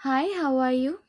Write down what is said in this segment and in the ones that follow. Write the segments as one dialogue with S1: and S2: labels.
S1: Hi, how are you?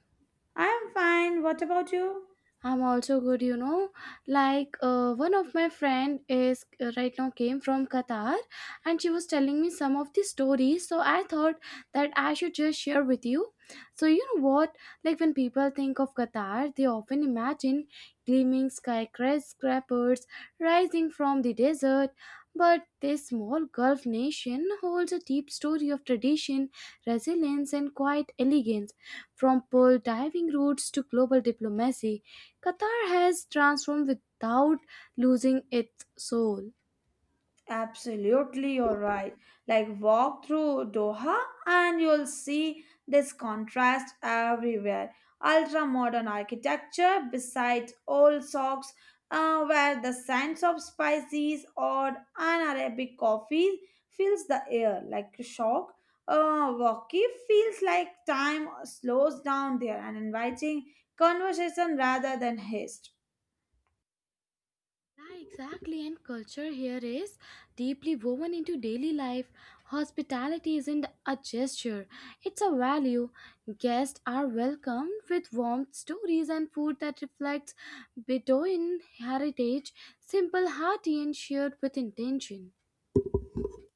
S2: I'm fine. What about you?
S1: I'm also good. Like one of my friend is right now came from Qatar, and she was telling me some of the stories. So I thought that I should just share with you. So you know what? Like when people think of Qatar, they often imagine gleaming skyscrapers rising from the desert. But this small Gulf nation holds a deep story of tradition, resilience, and quiet elegance, from pearl diving routes to global diplomacy. Qatar has transformed without losing its soul.
S2: Absolutely, you're right. Like, walk through Doha and you'll see this contrast everywhere. Ultra modern architecture beside old socks, where the scents of spices or an Arabic coffee fills the air like a shock. Walkie feels like time slows down there and inviting conversation rather than haste.
S1: Yeah, exactly. And culture here is deeply woven into daily life. Hospitality isn't a gesture, it's a value. Guests are welcomed with warmth, stories, and food that reflects Bedouin heritage, simple, hearty, and shared with intention.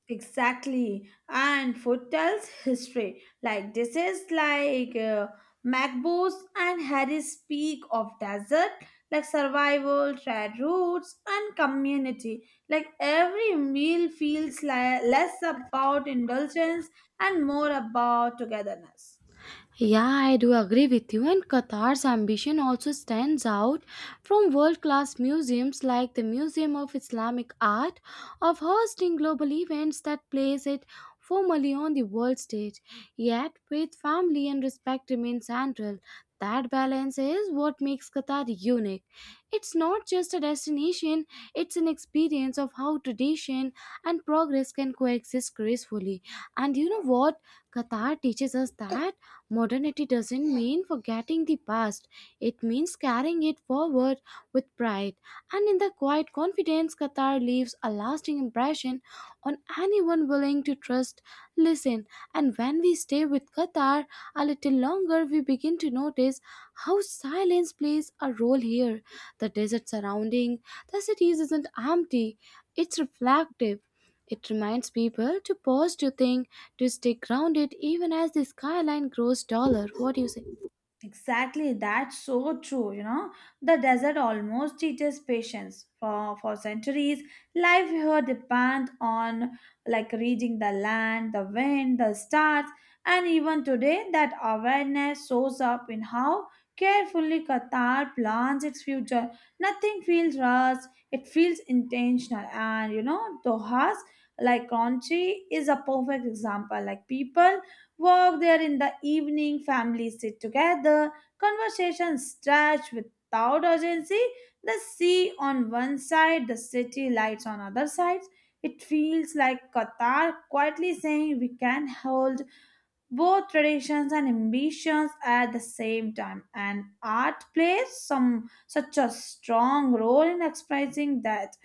S2: Exactly. And food tells history. Like this is like Macbeth and Harry speak of desert, like survival, trade routes, and community. Like every meal feels less about indulgence and more about togetherness.
S1: Yeah, I do agree with you. And Qatar's ambition also stands out from world class museums like the Museum of Islamic Art of hosting global events that place it formally on the world stage. Yet, faith, family, and respect remain central. That balance is what makes Qatar unique. It's not just a destination, it's an experience of how tradition and progress can coexist gracefully. And you know what? Qatar teaches us that. Modernity doesn't mean forgetting the past, it means carrying it forward with pride. And in the quiet confidence, Qatar leaves a lasting impression on anyone willing to trust, listen. And when we stay with Qatar a little longer, we begin to notice how silence plays a role here. The desert surrounding the cities isn't empty, it's reflective. It reminds people to pause, to think, to stay grounded even as the skyline grows taller. What do you say?
S2: Exactly, that's so true. You know, the desert almost teaches patience. For centuries, life here depend on like reading the land, the wind, the stars, and even today, that awareness shows up in how carefully Qatar plans its future. Nothing feels rushed; it feels intentional. And you know, Doha's like Kranji is a perfect example. Like people walk there in the evening, families sit together, conversations stretch without urgency, the sea on one side, the city lights on other sides. It feels like Qatar quietly saying we can hold both traditions and ambitions at the same time, and art plays some such a strong role in expressing that.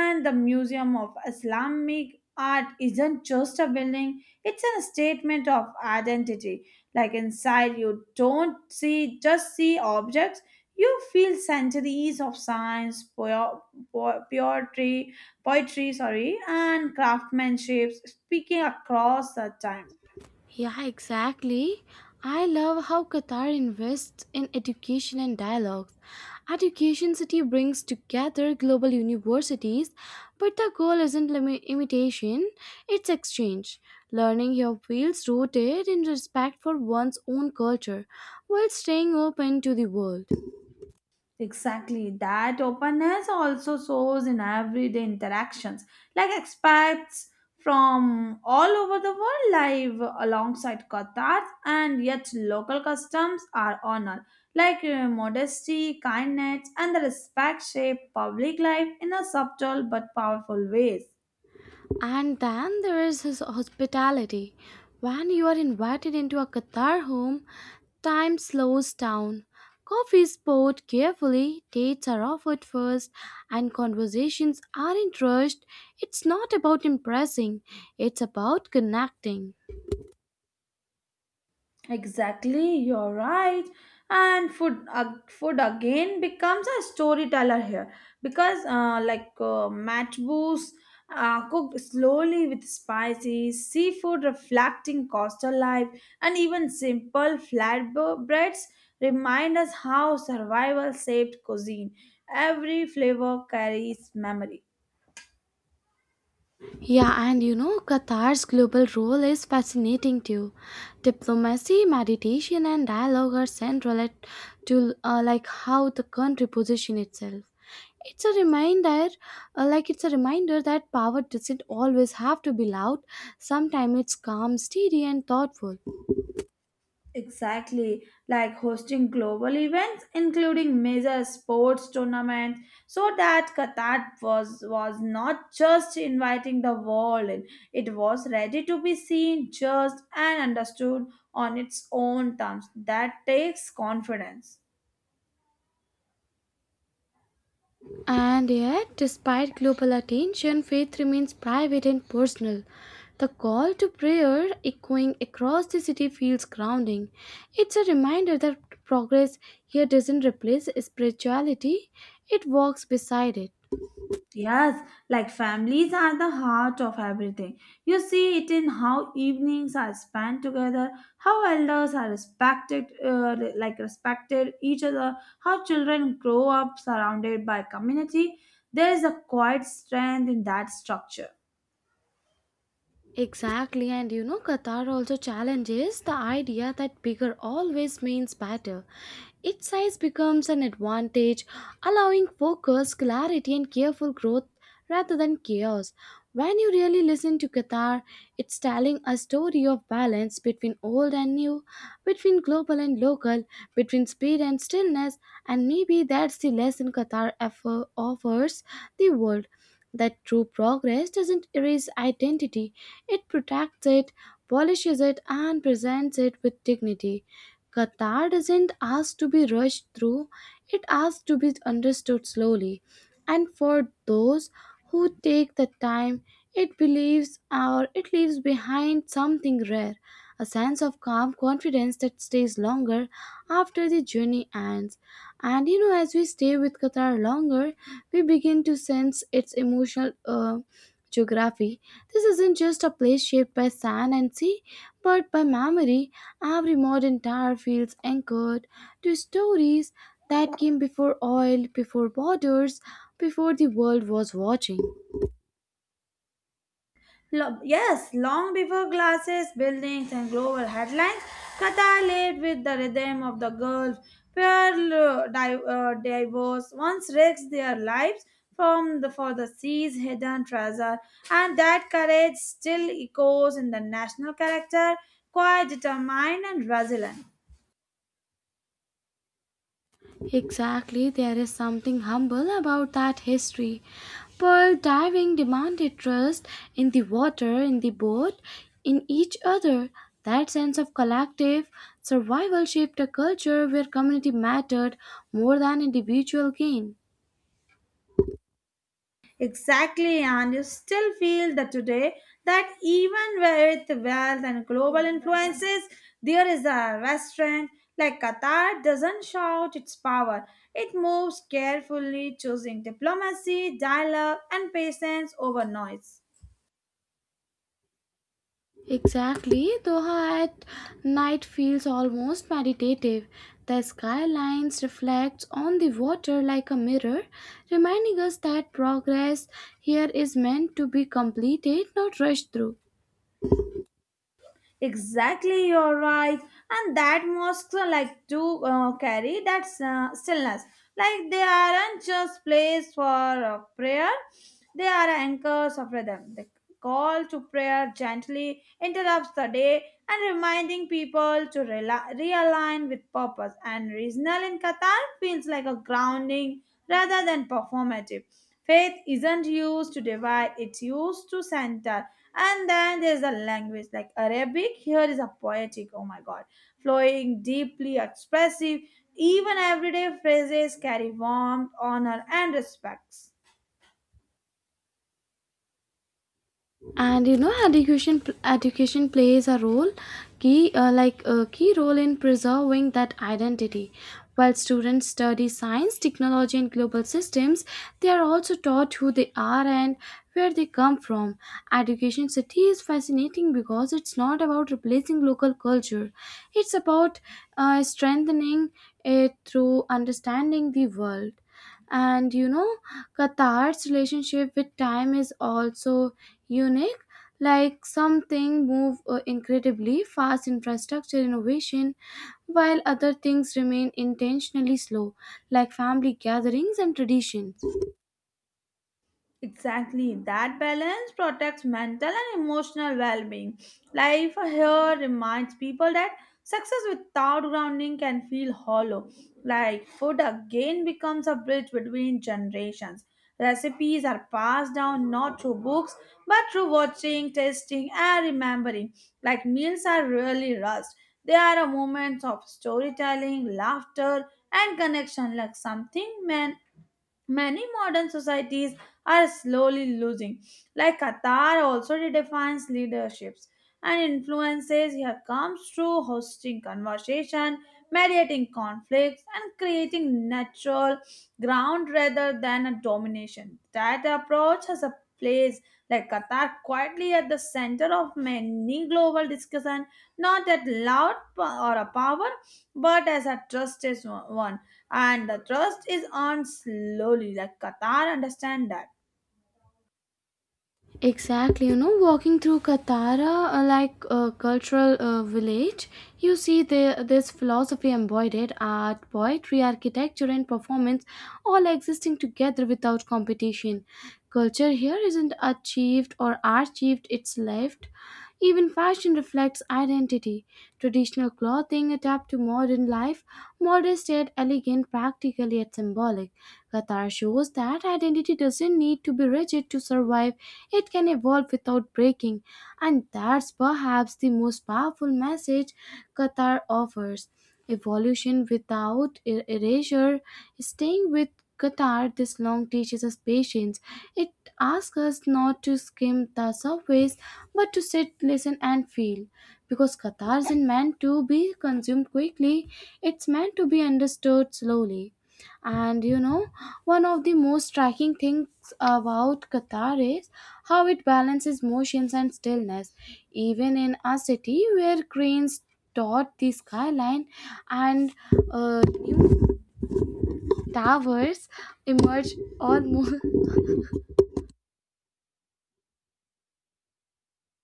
S2: And the museum of islamic art isn't just a building, it's a statement of identity. Like inside, you don't see just see objects, you feel centuries of po- poetry poetry, sorry, and craftsmanship speaking across the time.
S1: Yeah, exactly. I love how Qatar invests in education and dialogues. Education City brings together global universities, but the goal isn't imitation, it's exchange. Learning here feels rooted in respect for one's own culture while staying open to the world.
S2: Exactly. That openness also shows in everyday interactions. Like expats from all over the world live alongside Qatar, and yet local customs are honored. Like modesty, kindness, and the respect shape public life in a subtle but powerful ways.
S1: And then there is his hospitality. When you are invited into a Qatar home, time slows down. Coffee is poured carefully, dates are offered first, and conversations aren't rushed. It's not about impressing, it's about connecting.
S2: Exactly, you're right. And food again becomes a storyteller here because, like matbus, cooked slowly with spices, seafood reflecting coastal life, and even simple flatbreads remind us how survival shaped cuisine. Every flavor carries memory.
S1: Yeah, and Qatar's global role is fascinating too. Diplomacy, meditation, and dialogue are central to like how the country position itself. It's a reminder, it's a reminder that power doesn't always have to be loud. Sometimes it's calm, steady, and thoughtful.
S2: Exactly, like hosting global events, including major sports tournaments, so that Qatar was not just inviting the world in; it was ready to be seen, judged, and understood on its own terms. That takes confidence.
S1: And yet, despite global attention, faith remains private and personal. The call to prayer echoing across the city feels grounding. It's a reminder that progress here doesn't replace spirituality, it walks beside it.
S2: Yes, like families are the heart of everything. You see it in how evenings are spent together, how elders are respected, like respected each other, how children grow up surrounded by community. There is a quiet strength in that structure.
S1: Exactly, and Qatar also challenges the idea that bigger always means better. Its size becomes an advantage, allowing focus, clarity, and careful growth rather than chaos. When you really listen to Qatar, it's telling a story of balance between old and new, between global and local, between speed and stillness, and maybe that's the lesson Qatar offers the world that true progress doesn't erase identity, it protects it, polishes it, and presents it with dignity. Qatar doesn't ask to be rushed through, it asks to be understood slowly. And for those who take the time, it believes or it leaves behind something rare, a sense of calm confidence that stays longer after the journey ends. And as we stay with Qatar longer, we begin to sense its emotional geography. This isn't just a place shaped by sand and sea, but by memory. Every modern tower feels anchored to stories that came before oil, before borders, before the world was watching.
S2: Yes, long before glasses, buildings, and global headlines, Qatar lived with the rhythm of the Gulf, where divers once risked their lives for the sea's hidden treasure, and that courage still echoes in the national character, quite determined and resilient.
S1: Exactly, there is something humble about that history. Pearl diving demanded trust in the water, in the boat, in each other. That sense of collective survival shaped a culture where community mattered more than individual gain.
S2: Exactly, and you still feel that today that even with wealth and global influences, there is a restaurant like Qatar doesn't shout its power. It moves carefully, choosing diplomacy, dialogue, and patience over noise.
S1: Exactly, Doha at night feels almost meditative. The skylines reflects on the water like a mirror, reminding us that progress here is meant to be completed, not rushed through.
S2: Exactly, you're right. And that mosques are like to carry that stillness. Like they aren't just place for prayer; they are anchors of rhythm. The call to prayer gently interrupts the day and reminding people to realign with purpose. And regional in Qatar feels like a grounding rather than performative. Faith isn't used to divide, it's used to center. And then there's a language like Arabic. Here is a poetic, oh my god, flowing, deeply expressive. Even everyday phrases carry warmth, honor, and respects.
S1: And education plays a role key like a key role in preserving that identity, while students study science, technology, and global systems, they are also taught who they are and where they come from. Education City is fascinating because it's not about replacing local culture, it's about strengthening it through understanding the world. And Qatar's relationship with time is also unique, like something move incredibly fast infrastructure innovation, while other things remain intentionally slow, like family gatherings and tradition.
S2: Exactly. That balance protects mental and emotional well being. Life here reminds people that success without grounding can feel hollow. Like food again becomes a bridge between generations. Recipes are passed down not through books but through watching, tasting, and remembering. Like meals are really rust. They are a moment of storytelling, laughter, and connection, like something men many modern societies are slowly losing. Like Qatar also redefines leaderships and influences here comes through hosting conversation, mediating conflicts, and creating natural ground rather than a domination. That approach has a place, like Qatar quietly at the center of many global discussion, not that loud or a power, but as a trusted one, and the trust is earned slowly like qatar understand that.
S1: Exactly, walking through Katara, like a cultural village, you see this philosophy embodied art, poetry, architecture, and performance all existing together without competition. Culture here isn't achieved or achieved, it's lived. Even fashion reflects identity. Traditional clothing adapt to modern life, modest yet elegant, practical yet symbolic. Qatar shows that identity doesn't need to be rigid to survive, it can evolve without breaking, and that's perhaps the most powerful message Qatar offers. Evolution without erasure. Staying with Qatar this long teaches us patience. It asks us not to skim the surface but to sit, listen, and feel. Because Qatar isn't meant to be consumed quickly, it's meant to be understood slowly. And one of the most striking things about Qatar is how it balances motions and stillness. Even in a city where cranes dot the skyline and new towers emerge almost.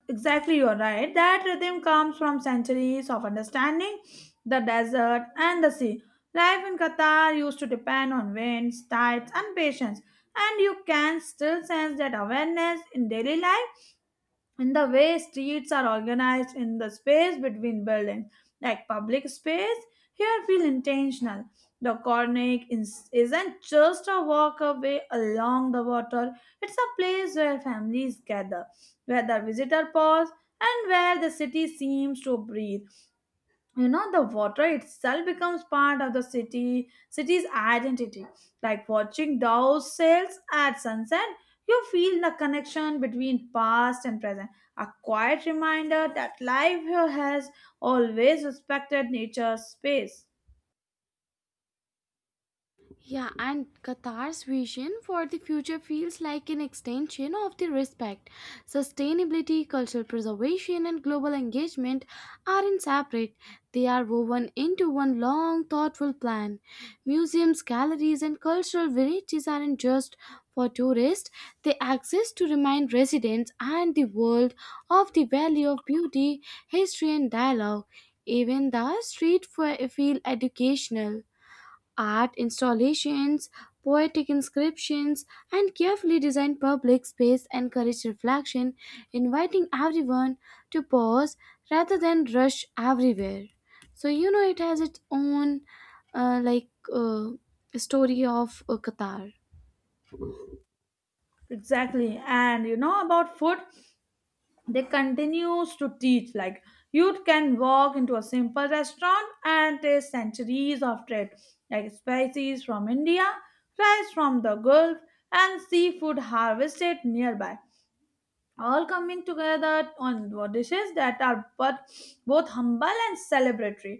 S2: Exactly, you're right. That rhythm comes from centuries of understanding the desert and the sea. Life in Qatar used to depend on winds, tides, and patience, and you can still sense that awareness in daily life. In the way streets are organized, in the space between buildings, like public space here feel intentional. The isn't just a walk away along the water, it's a place where families gather, where the visitor pause, and where the city seems to breathe. You know, the water itself becomes part of the city's identity. Like watching those sails at sunset, you feel the connection between past and present, a quiet reminder that life here has always respected nature's space.
S1: Yeah, and Qatar's vision for the future feels like an extension of the respect. Sustainability, cultural preservation, and global engagement aren't separate, they are woven into one long, thoughtful plan. Museums, galleries, and cultural villages aren't just for tourists, they exist to remind residents and the world of the value of beauty, history, and dialogue. Even the street feel educational. Art installations, poetic inscriptions, and carefully designed public space encourage reflection, inviting everyone to pause rather than rush everywhere. So, it has its own like story of Qatar.
S2: Exactly. And you know about food, they continues to teach. Like you can walk into a simple restaurant and taste centuries of trade, like spices from india, rice from the gulf, and seafood harvested nearby, all coming together on dishes that are but both humble and celebratory.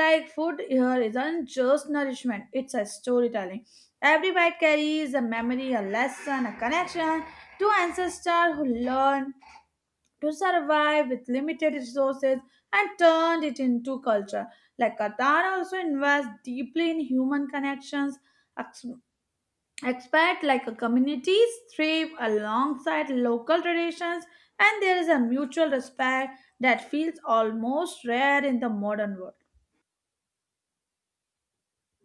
S2: Like food here isn't just nourishment, it's a storytelling. Every bite carries a memory, a lesson, a connection to ancestor who learned to survive with limited resources and turned it into culture. Like Qatar also invests deeply in human connections. Ex- Expat like a communities thrive alongside local traditions, and there is a mutual respect that feels almost rare in the modern world.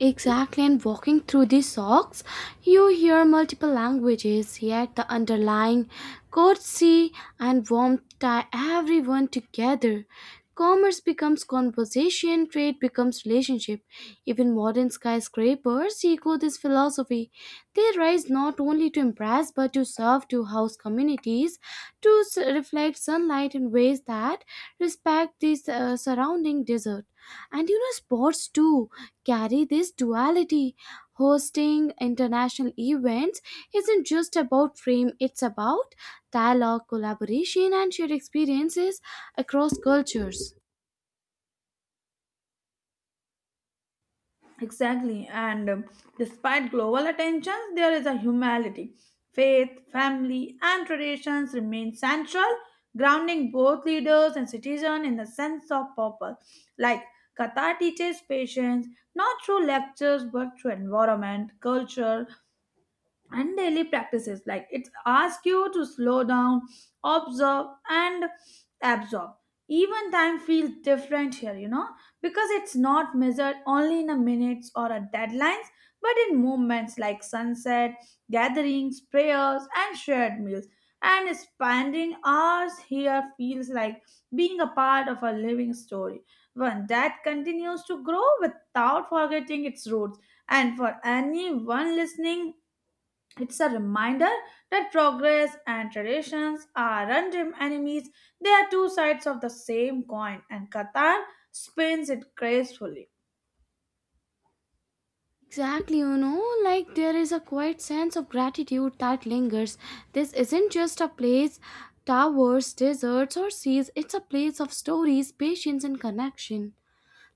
S1: Exactly, and walking through these socks, you hear multiple languages, yet the underlying courtesy and warmth tie everyone together. Commerce becomes conversation, trade becomes relationship. Even modern skyscrapers echo this philosophy. They rise not only to impress but to serve to house communities, to reflect sunlight in ways that respect the surrounding desert. And sports too carry this duality. Hosting international events isn't just about fame, it's about dialogue, collaboration, and shared experiences across cultures.
S2: Exactly, and despite global attention, there is a humanity. Faith, family, and traditions remain central, grounding both leaders and citizens in the sense of purpose. Like Katha teaches patience not through lectures but through environment, culture, and daily practices, like it asks you to slow down, observe, and absorb. Even time feels different here, you know, because it's not measured only in a minutes or a deadlines but in moments like sunset gatherings, prayers, and shared meals. And spending hours here feels like being a part of a living story, one that continues to grow without forgetting its roots. And for anyone listening, it's a reminder that progress and traditions aren't enemies, they are two sides of the same coin, and Qatar spins it gracefully.
S1: Exactly, like there is a quiet sense of gratitude that lingers. This isn't just a place, towers, deserts, or seas, it's a place of stories, patience, and connection.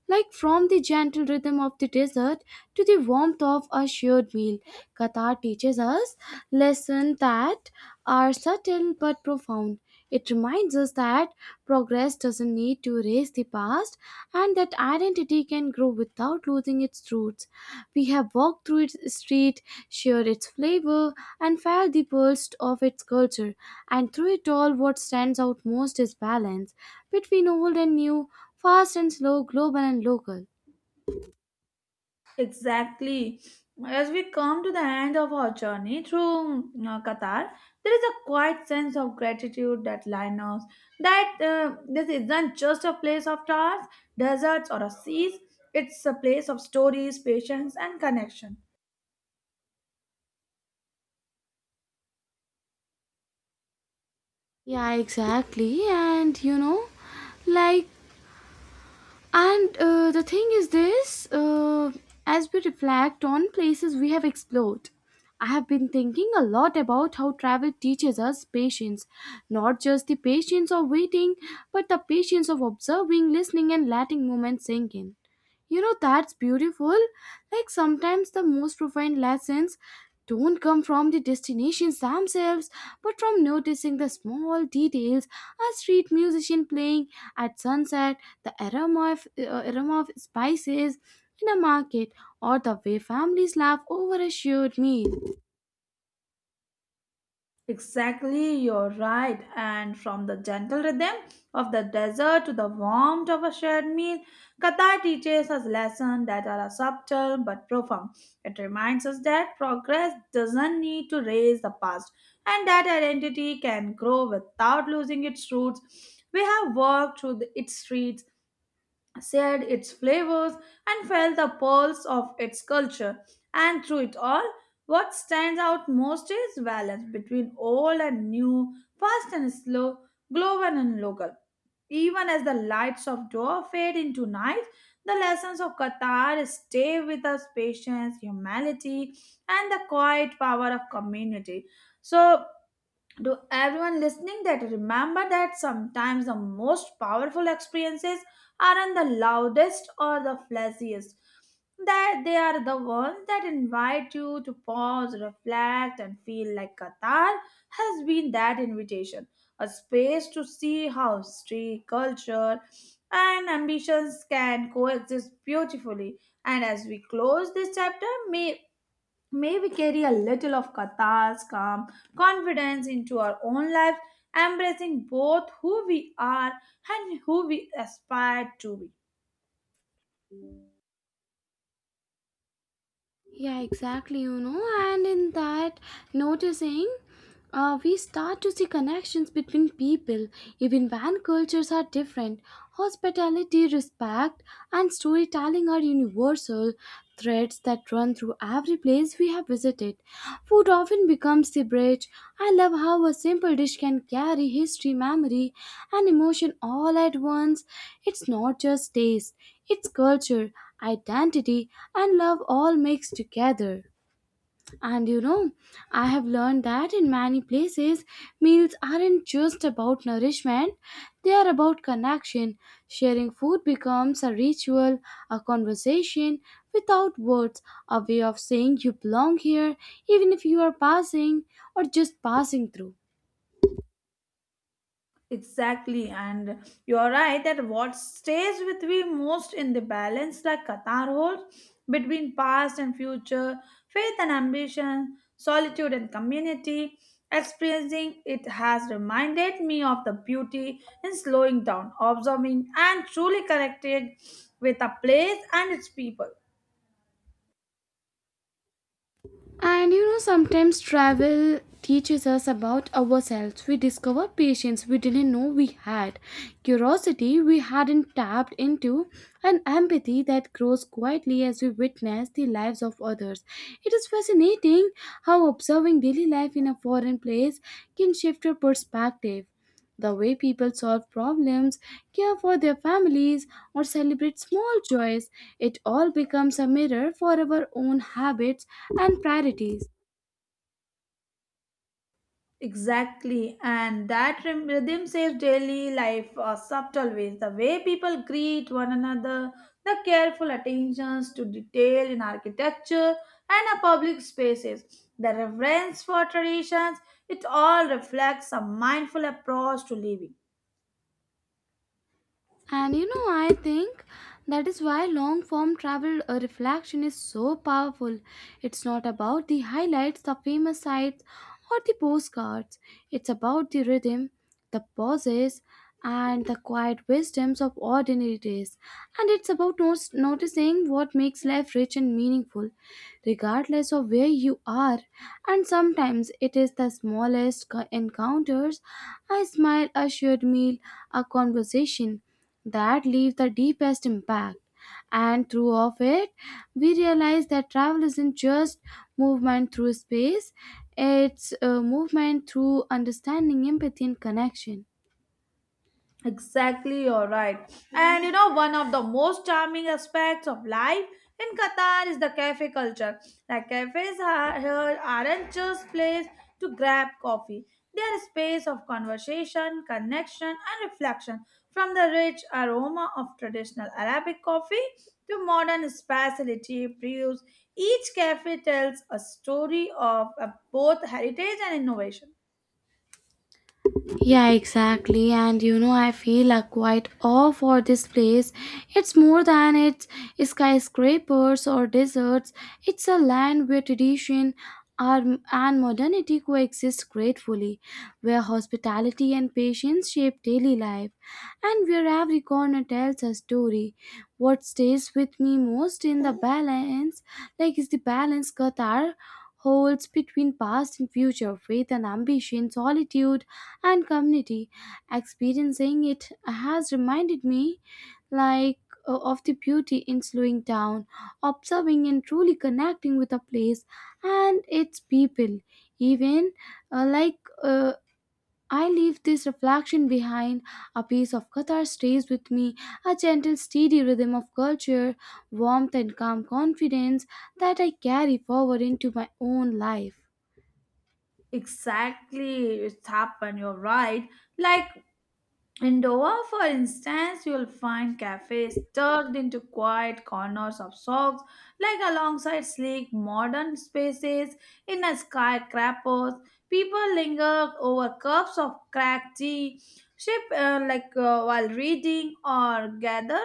S1: Like from the gentle rhythm of the desert to the warmth of a shared meal, Qatar teaches us lessons that are subtle but profound. It reminds us that progress doesn't need to erase the past and that identity can grow without losing its roots. We have walked through its street, shared its flavor, and felt the pulse of its culture. And through it all, what stands out most is balance between old and new, fast and slow, global and local.
S2: Exactly. As we come to the end of our journey through Qatar, there is a quiet sense of gratitude that Linos, that this isn't just a place of stars, deserts, or a seas, it's a place of stories, patience, and connection.
S1: Yeah, exactly. And like, and the thing is this, as we reflect on places we have explored, I have been thinking a lot about how travel teaches us patience, not just the patience of waiting, but the patience of observing, listening, and letting moments sink in. That's beautiful. Like sometimes the most profound lessons don't come from the destinations themselves, but from noticing the small details, a street musician playing at sunset, the aroma of spices in a market, or the way families laugh over a shared meal.
S2: Exactly, you're right. And from the gentle rhythm of the desert to the warmth of a shared meal, Qatar teaches us lessons that are subtle but profound. It reminds us that progress doesn't need to erase the past and that identity can grow without losing its roots. We have walked through its streets, shared its flavors, and felt the pulse of its culture. And through it all, what stands out most is balance between old and new, fast and slow, global and local. Even as the lights of Doha fade into night, the lessons of Qatar stay with us: patience, humility, and the quiet power of community. So, to everyone listening, that remember that sometimes the most powerful experiences aren't the loudest or the flashiest, that they are the ones that invite you to pause, reflect, and feel. Like Qatar has been that invitation, a space to see how history, culture, and ambitions can coexist beautifully. And as we close this chapter, may we carry a little of Katha's calm confidence into our own lives, embracing both who we are and who we aspire to be.
S1: Yeah, exactly, and in that noticing we start to see connections between people, even when cultures are different. Hospitality, respect, and storytelling are universal threads that run through every place we have visited. Food often becomes the bridge. I love how a simple dish can carry history, memory, and emotion all at once. It's not just taste, it's culture, identity, and love all mixed together. And I have learned that in many places, meals aren't just about nourishment, they are about connection. Sharing food becomes a ritual, a conversation without words, a way of saying you belong here, even if you are passing or just passing through.
S2: Exactly, and you're right that what stays with me most in the balance like Qatar holds between past and future, faith and ambition, solitude and community. Experiencing it has reminded me of the beauty in slowing down, observing, and truly connecting with a place and its people.
S1: And sometimes travel teaches us about ourselves. We discover patience we didn't know we had, curiosity we hadn't tapped into, and empathy that grows quietly as we witness the lives of others. It is fascinating how observing daily life in a foreign place can shift your perspective. The way people solve problems, care for their families, or celebrate small joys, it all becomes a mirror for our own habits and priorities.
S2: Exactly, and that rhythm shapes daily life subtle ways. The way people greet one another, the careful attentions to detail in architecture and our public spaces, the reverence for traditions, it all reflects a mindful approach to living.
S1: And I think that is why long form travel reflection is so powerful. It's not about the highlights, the famous sites, or the postcards. It's about the rhythm, the pauses, and the quiet wisdoms of ordinary days. And it's about noticing what makes life rich and meaningful, regardless of where you are, and sometimes it is the smallest encounters, a smile, a shared meal, a conversation that leave the deepest impact. And through of it, we realize that travel isn't just movement through space; it's a movement through understanding, empathy, and connection.
S2: Exactly, you're right. And you know, one of the most charming aspects of life in Qatar is the cafe culture. Like cafes are, here aren't just place to grab coffee. They are a space of conversation, connection, and reflection. From the rich aroma of traditional Arabic coffee to modern specialty brews, each cafe tells a story of both heritage and innovation.
S1: Yeah, exactly. And you know, I feel a quite awe for this place. It's more than its skyscrapers or deserts. It's a land where are- and modernity coexist gratefully, where hospitality and patience shape daily life, and where every corner tells a story. What stays with me most in the balance, like is the balance Qatar holds between past and future, faith and ambition, solitude and community. Experiencing it has reminded me, like of the beauty in slowing down, observing and truly connecting with a place and its people. Even like I leave this reflection behind, a piece of Qatar stays with me, a gentle steady rhythm of culture, warmth and calm confidence that I carry forward into my own life.
S2: Exactly, it's happened. You're right. Like in Doha, for instance, you'll find cafes tucked into quiet corners of socks, like alongside sleek modern spaces in a skyscrapers. People linger over cups of cracked tea, sip while reading, or gather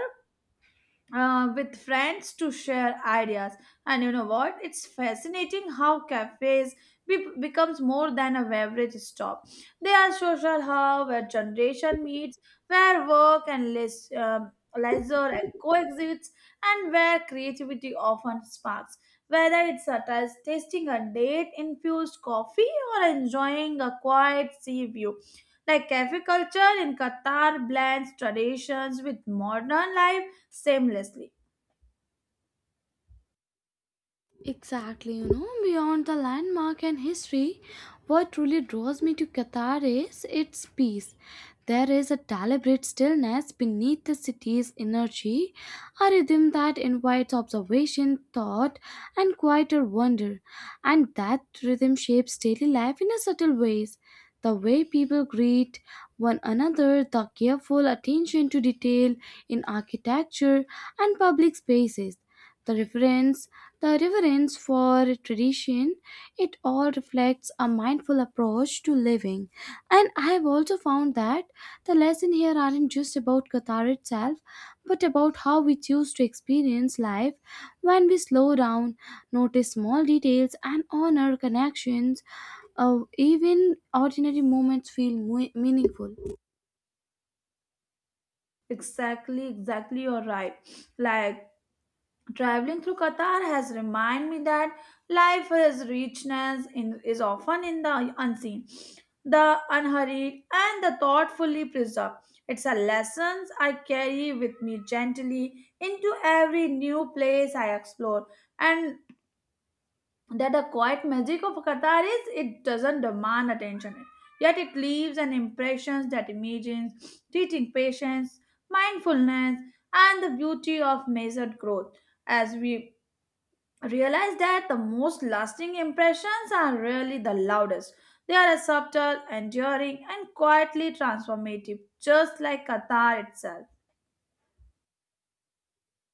S2: with friends to share ideas. And you know what, it's fascinating how cafes becomes more than a beverage stop. They are social hub where generation meets, where work and leisure coexists, and where creativity often sparks, whether it's such as tasting a date infused coffee or enjoying a quiet sea view. Like cafe culture in Qatar blends traditions with modern life seamlessly.
S1: Exactly, you know, beyond the landmark and history, what truly draws me to Qatar is its peace. There is a deliberate stillness beneath the city's energy, a rhythm that invites observation, thought, and quieter wonder. And that rhythm shapes daily life in a subtle ways. The way people greet one another, the careful attention to detail in architecture and public spaces, the reference the reverence for tradition, it all reflects a mindful approach to living. And I have also found that the lessons here aren't just about Qatar itself, but about how we choose to experience life when we slow down, notice small details, and honor connections. Even ordinary moments feel meaningful.
S2: Exactly, you're right. Like traveling through Qatar has reminded me that life has richness in is often in the unseen, the unhurried, and the thoughtfully preserved. It's a lessons I carry with me gently into every new place I explore, and that the quiet magic of Qatar is it doesn't demand attention, yet it leaves an impression that imagines teaching patience, mindfulness, and the beauty of measured growth. As we realize that the most lasting impressions are really the loudest. They are subtle, enduring, and quietly transformative, just like Qatar itself.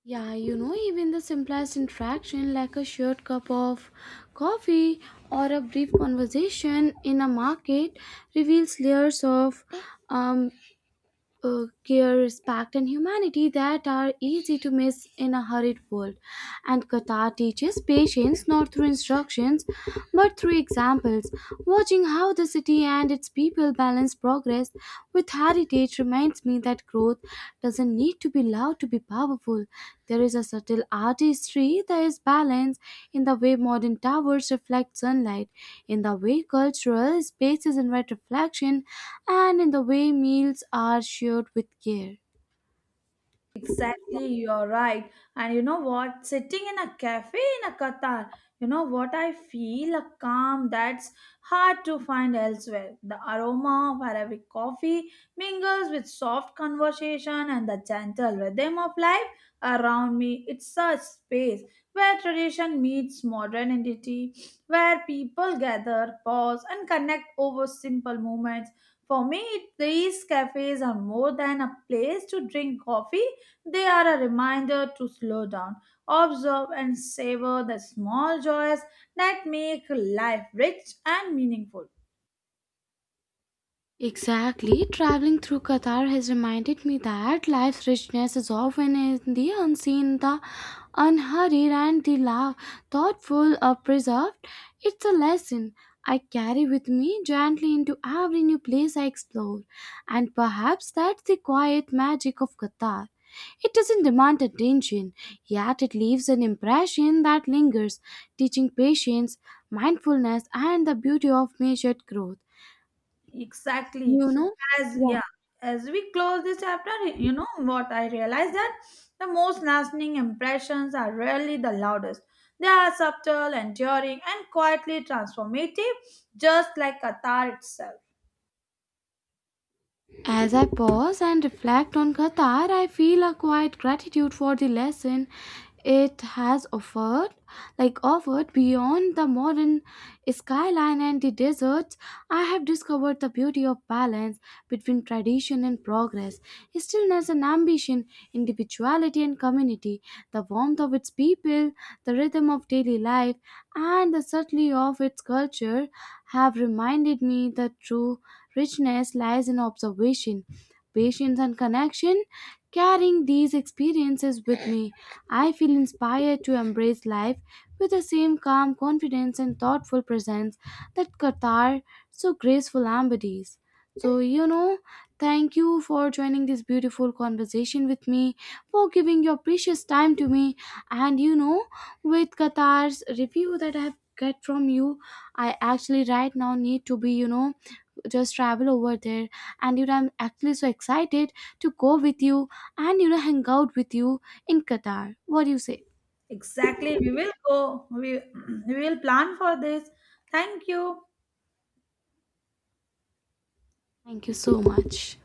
S1: Yeah, you know, even the simplest interaction like a shared cup of coffee or a brief conversation in a market reveals layers of um, care, respect, and humanity that are easy to miss in a hurried world. And Qatar teaches patience not through instructions but through examples. Watching how the city and its people balance progress with heritage reminds me that growth doesn't need to be loud to be powerful. There is a subtle artistry, there is balance in the way modern towers reflect sunlight, in the way cultural spaces invite reflection, and in the way meals are shared with care.
S2: Exactly, you're right. And you know what? Sitting in a cafe in a Qatar, you know what? I feel a calm that's hard to find elsewhere. The aroma of Arabic coffee mingles with soft conversation and the gentle rhythm of life around me. It's a space where tradition meets modernity, where people gather, pause, and connect over simple moments. For me, these cafes are more than a place to drink coffee, they are a reminder to slow down, observe, and savor the small joys that make life rich and meaningful.
S1: Exactly. Traveling through Qatar has reminded me that life's richness is often in the unseen, the unhurried, and the thoughtful or preserved. It's a lesson I carry with me gently into every new place I explore, and perhaps that's the quiet magic of Qatar. It doesn't demand attention, yet it leaves an impression that lingers, teaching patience, mindfulness, and the beauty of measured growth.
S2: Exactly.
S1: You know?
S2: As
S1: Yeah.
S2: yeah, as we close this chapter, you know what, I realized that the most lasting impressions are rarely the loudest. They are subtle, enduring, and quietly transformative, just like Qatar itself.
S1: As I pause and reflect on Qatar, I feel a quiet gratitude for the lesson it has offered, like offered beyond the modern skyline and the deserts. I have discovered the beauty of balance between tradition and progress, stillness and ambition, individuality and community, the warmth of its people, the rhythm of daily life, and the subtlety of its culture have reminded me the true richness lies in observation, patience, and connection. Carrying these experiences with me, I feel inspired to embrace life with the same calm confidence and thoughtful presence that Qatar so graceful embodies. So, you know, thank you for joining this beautiful conversation with me, for giving your precious time to me, and you know, with Qatar's review that I have get from you, I actually right now need to be, you know, just travel over there, and you know, I'm actually so excited to go with you and you know, hang out with you in Qatar. What do you say?
S2: Exactly. We will go. We, we will plan for this. Thank you.
S1: Thank you so much.